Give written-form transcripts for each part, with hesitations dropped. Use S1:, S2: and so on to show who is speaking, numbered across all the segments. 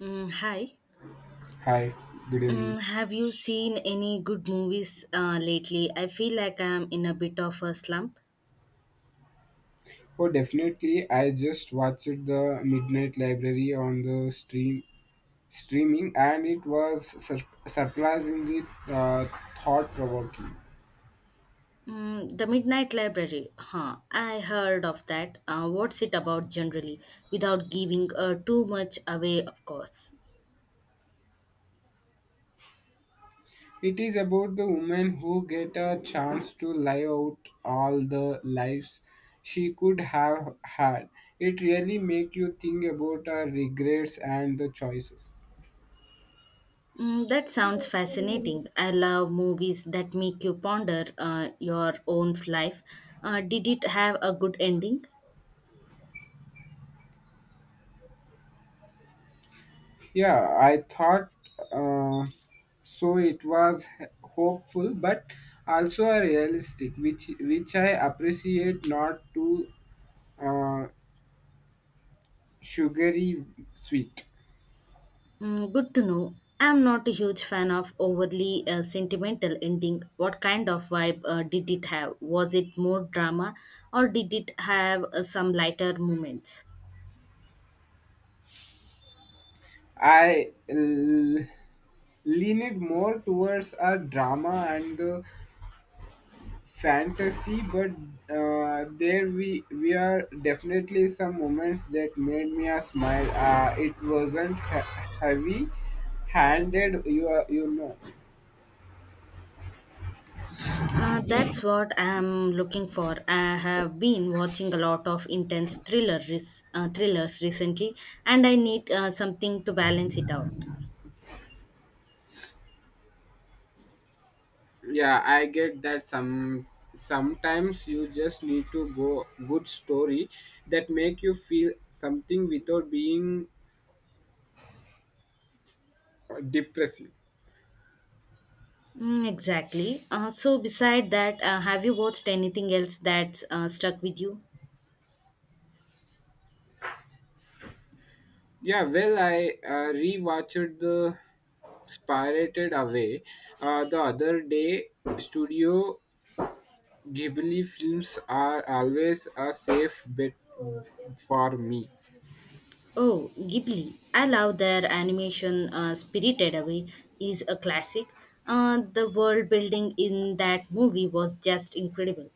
S1: Mm, hi.
S2: Hi, good evening.
S1: Mm, have you seen any good movies lately? I feel like I'm in a bit of a slump.
S2: Oh, definitely. I just watched the Midnight Library on the streaming, and it was surprisingly thought-provoking.
S1: Mm, the Midnight Library. Huh. I heard of that. What's it about generally? Without giving too much away, of course.
S2: It is about the woman who get a chance to live out all the lives she could have had. It really make you think about her regrets and the choices.
S1: Mm, that sounds fascinating. I love movies that make you ponder your own life. Did it have a good ending?
S2: Yeah, I thought uh, so. It was hopeful, but also a realistic, which I appreciate. Not too uh, sugary sweet.
S1: Mm, good to know. I'm not a huge fan of overly sentimental ending. What kind of vibe did it have? Was it more drama or did it have some lighter moments?
S2: I l- lean it more towards a drama and the fantasy, but there we are definitely some moments that made me a smile. It wasn't heavy handed. You are, you know.
S1: That's what I'm looking for. I have been watching a lot of intense thrillers recently, and I need something to balance it out.
S2: Yeah, I get that sometimes you just need to go good story that make you feel something without being depressive.
S1: Mm, exactly. So, beside that, have you watched anything else that's stuck with you?
S2: Yeah, well, I rewatched the Spirited Away the other day. Studio Ghibli films are always a safe bet for me.
S1: Oh, Ghibli. I love their animation. Spirited Away is a classic. The world building in that movie was just incredible.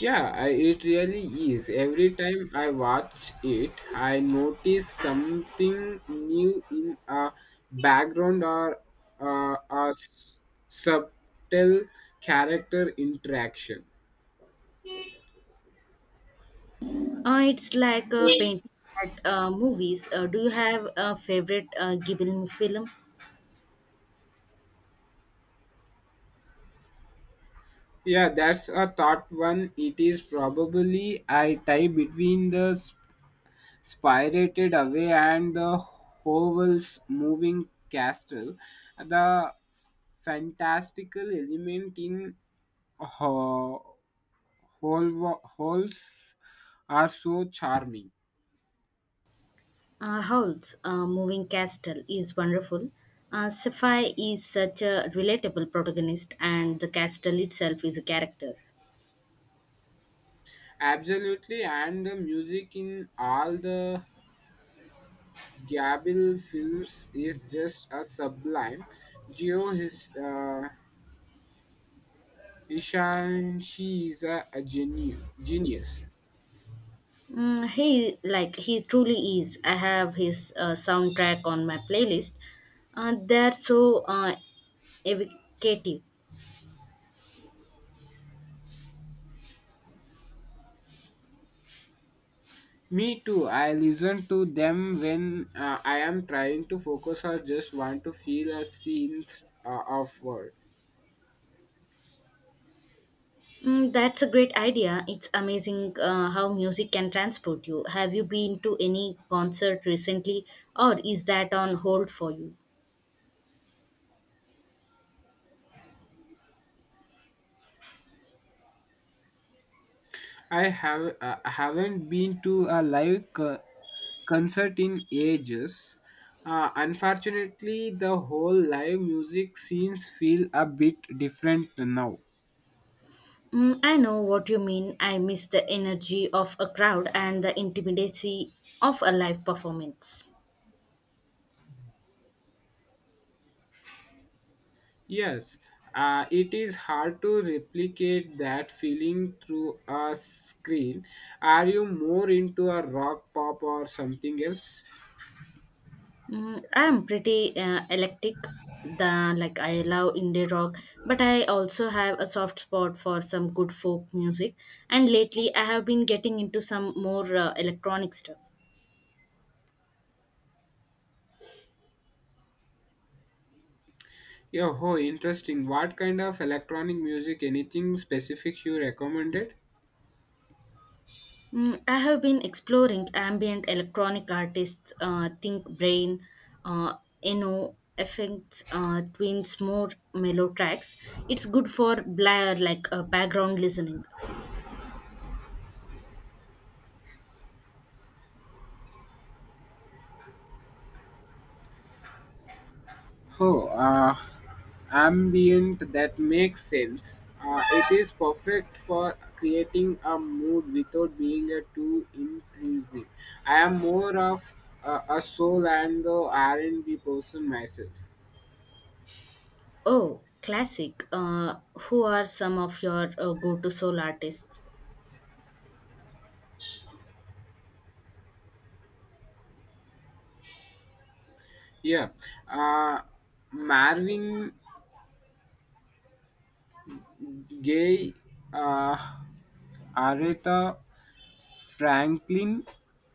S2: Yeah, I, it really is. Every time I watch it, I notice something new in a background or a subtle character interaction.
S1: It's like a painting at movies. Do you have a favorite Ghibli film?
S2: Yeah, that's a thought one. It is probably I tie between the Spirited Away and the Howell's Moving Castle. The fantastical element in whole holes are so charming.
S1: Howl's Moving Castle is wonderful. Sapphire is such a relatable protagonist, and the castle itself is a character.
S2: Absolutely, and the music in all the Gabriel films is just a sublime. Geo his Ishan, she is a genius.
S1: Mm, he he truly is. I have his soundtrack on my playlist. They're so evocative.
S2: Me too. I listen to them when I am trying to focus or just want to feel a scene of world.
S1: Mm, that's a great idea. It's amazing how music can transport you. Have you been to any concert recently, or is that on hold for you?
S2: I have haven't been to a live concert in ages. Unfortunately, the whole live music scenes feel a bit different now.
S1: Mm, I know what you mean. I miss the energy of a crowd and the intimacy of a live performance.
S2: Yes, it is hard to replicate that feeling through a screen. Are you more into a rock, pop, or something else?
S1: Mm, I'm pretty eclectic. The like I love indie rock, but I also have a soft spot for some good folk music. And lately, I have been getting into some more electronic stuff.
S2: Yeah, oh, interesting. What kind of electronic music? Anything specific you recommended?
S1: Mm, I have been exploring ambient electronic artists, Think Brain, uh, Eno, Effects, Twins, more mellow tracks. It's good for background listening.
S2: Oh, ambient that makes sense. It is perfect for creating a mood without being too intrusive. I am more of a soul and the R&B person myself.
S1: Oh, classic. Who are some of your go-to soul artists?
S2: Yeah, uh, Marvin Gaye, uh, Aretha Franklin,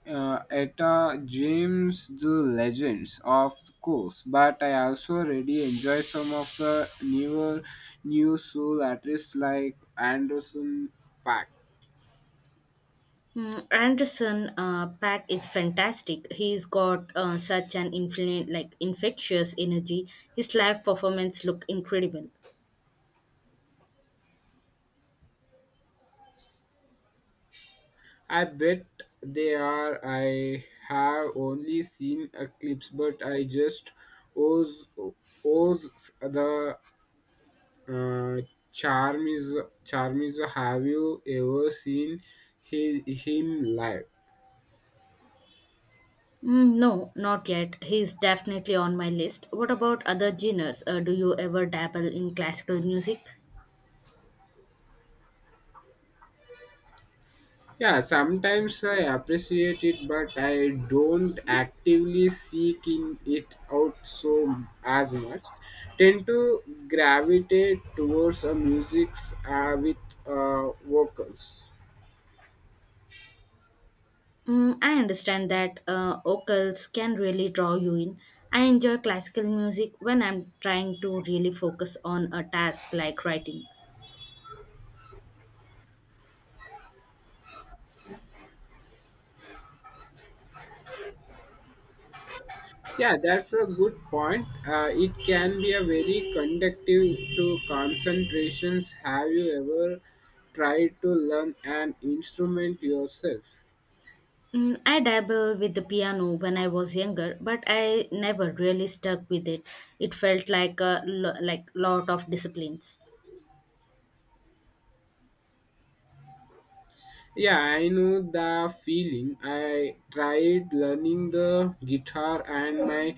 S2: Etta James, the legends, of course, but I also really enjoy some of the new soul artists like Anderson Pack.
S1: Hmm, Anderson Pack is fantastic. He's got such an infectious energy. His live performance look incredible.
S2: I bet they are. I have only seen a clips, but I just owes owes the uh, charm is charm is. Have you ever seen him live?
S1: Mm, no, not yet. He's definitely on my list. What about other genres? Do you ever dabble in classical music?
S2: Yeah, sometimes I appreciate it, but I don't actively seek in it out so as much. Tend to gravitate towards a musics with vocals.
S1: Mm, I understand that vocals can really draw you in. I enjoy classical music when I'm trying to really focus on a task like writing.
S2: Yeah, that's a good point. It can be a very conductive to concentrations. Have you ever tried to learn an instrument yourself?
S1: Mm, I dabbled with the piano when I was younger, but I never really stuck with it. It felt like a lot of disciplines.
S2: Yeah, I know the feeling. I tried learning the guitar, and my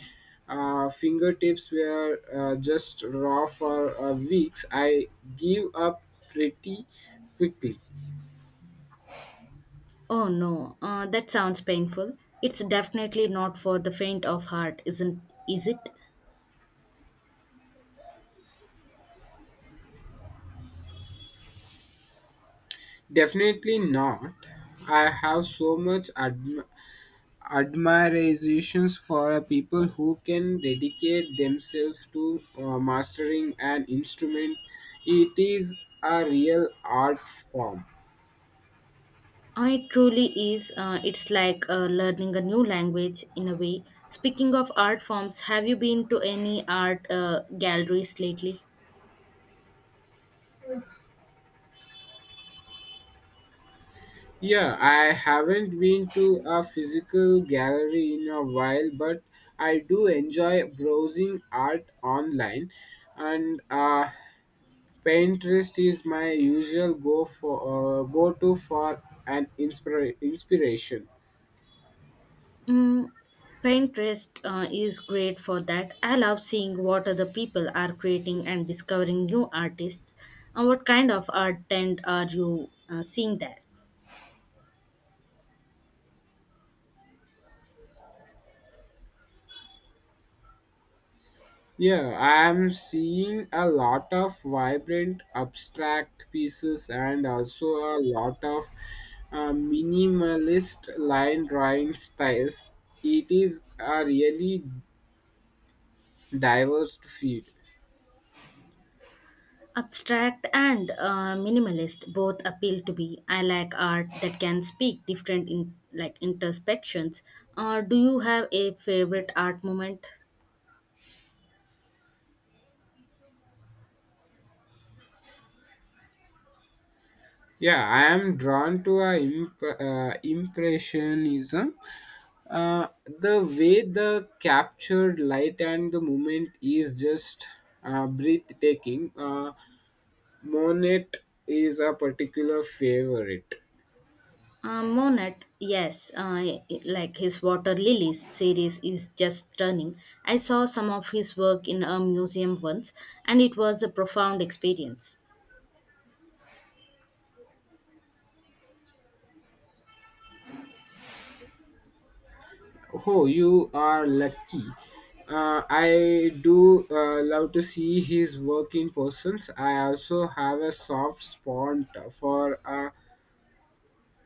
S2: fingertips were just raw for weeks. I gave up pretty quickly.
S1: Oh no, that sounds painful. It's definitely not for the faint of heart, isn't is it?
S2: Definitely not. I have so much admirations for people who can dedicate themselves to mastering an instrument. It is a real art form.
S1: It truly is. It's like learning a new language in a way. Speaking of art forms, have you been to any art galleries lately?
S2: Yeah, I haven't been to a physical gallery in a while, but I do enjoy browsing art online, and Pinterest is my usual go to for an inspiration.
S1: Mm, Pinterest is great for that. I love seeing what other people are creating and discovering new artists. And what kind of art trend are you seeing there?
S2: Yeah, I am seeing a lot of vibrant abstract pieces and also a lot of minimalist line drawing styles. It is a really diverse field.
S1: Abstract and minimalist both appeal to me. I like art that can speak different in like introspections. Do you have a favorite art moment?
S2: Yeah, I am drawn to a impressionism. The way the captured light and the movement is just breathtaking. Monet is a particular favorite.
S1: Monet, yes, his Water Lilies series is just stunning. I saw some of his work in a museum once, and it was a profound experience.
S2: Oh, you are lucky. I do love to see his work in persons. I also have a soft spot for a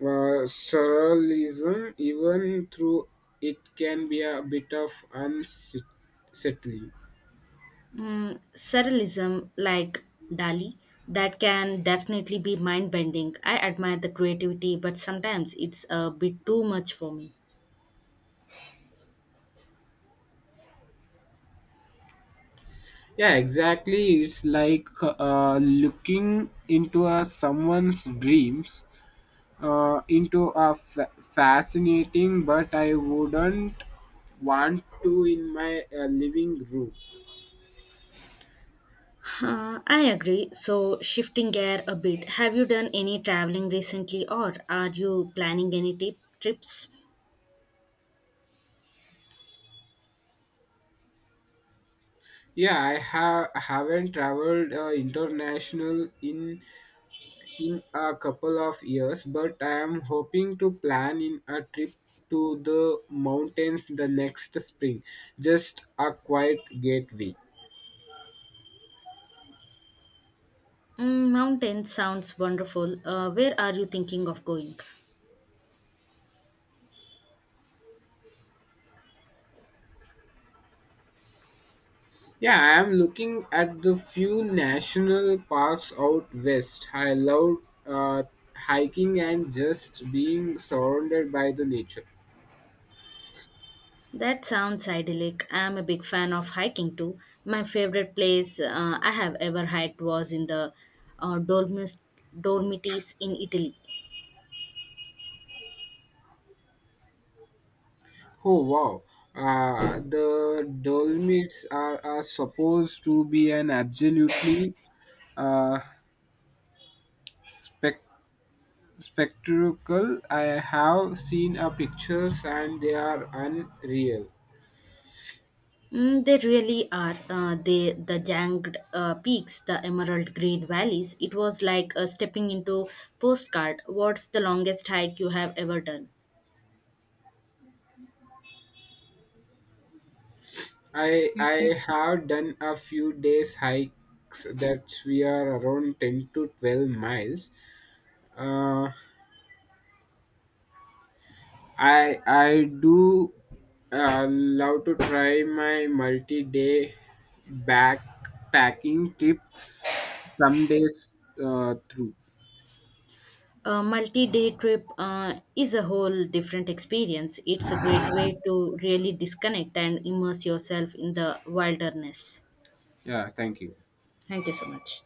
S2: surrealism, even through it can be a bit of unsettling.
S1: Mm, surrealism like Dali that can definitely be mind bending. I admire the creativity, but sometimes it's a bit too much for me.
S2: Yeah, exactly. It's like looking into someone's dreams, into a fascinating, but I wouldn't want to in my living room.
S1: Huh, I agree. So, shifting gear a bit, have you done any traveling recently or are you planning any trips?
S2: Yeah, I have haven't traveled international in a couple of years, but I am hoping to plan in a trip to the mountains the next spring. Just a quiet getaway.
S1: Mm, mountain sounds wonderful. Where are you thinking of going?
S2: Yeah, I am looking at the few national parks out west. I love uh, hiking and just being surrounded by the nature.
S1: That sounds idyllic. I'm a big fan of hiking too. My favorite place I have ever hiked was in the uh, Dolmes- Dolomites in Italy.
S2: Oh wow. The Dolomites are supposed to be an absolutely uh, spectacular spectacle. I have seen a pictures and they are unreal.
S1: Mm, they really are. The jagged peaks, the emerald green valleys. It was like stepping into postcard. What's the longest hike you have ever done?
S2: I have done a few days hikes that we are around 10 to 12 miles. Uh, I do love to try my multi-day backpacking trip some days through.
S1: A multi-day trip is a whole different experience. It's a great way to really disconnect and immerse yourself in the wilderness.
S2: Yeah, thank you.
S1: Thank you so much.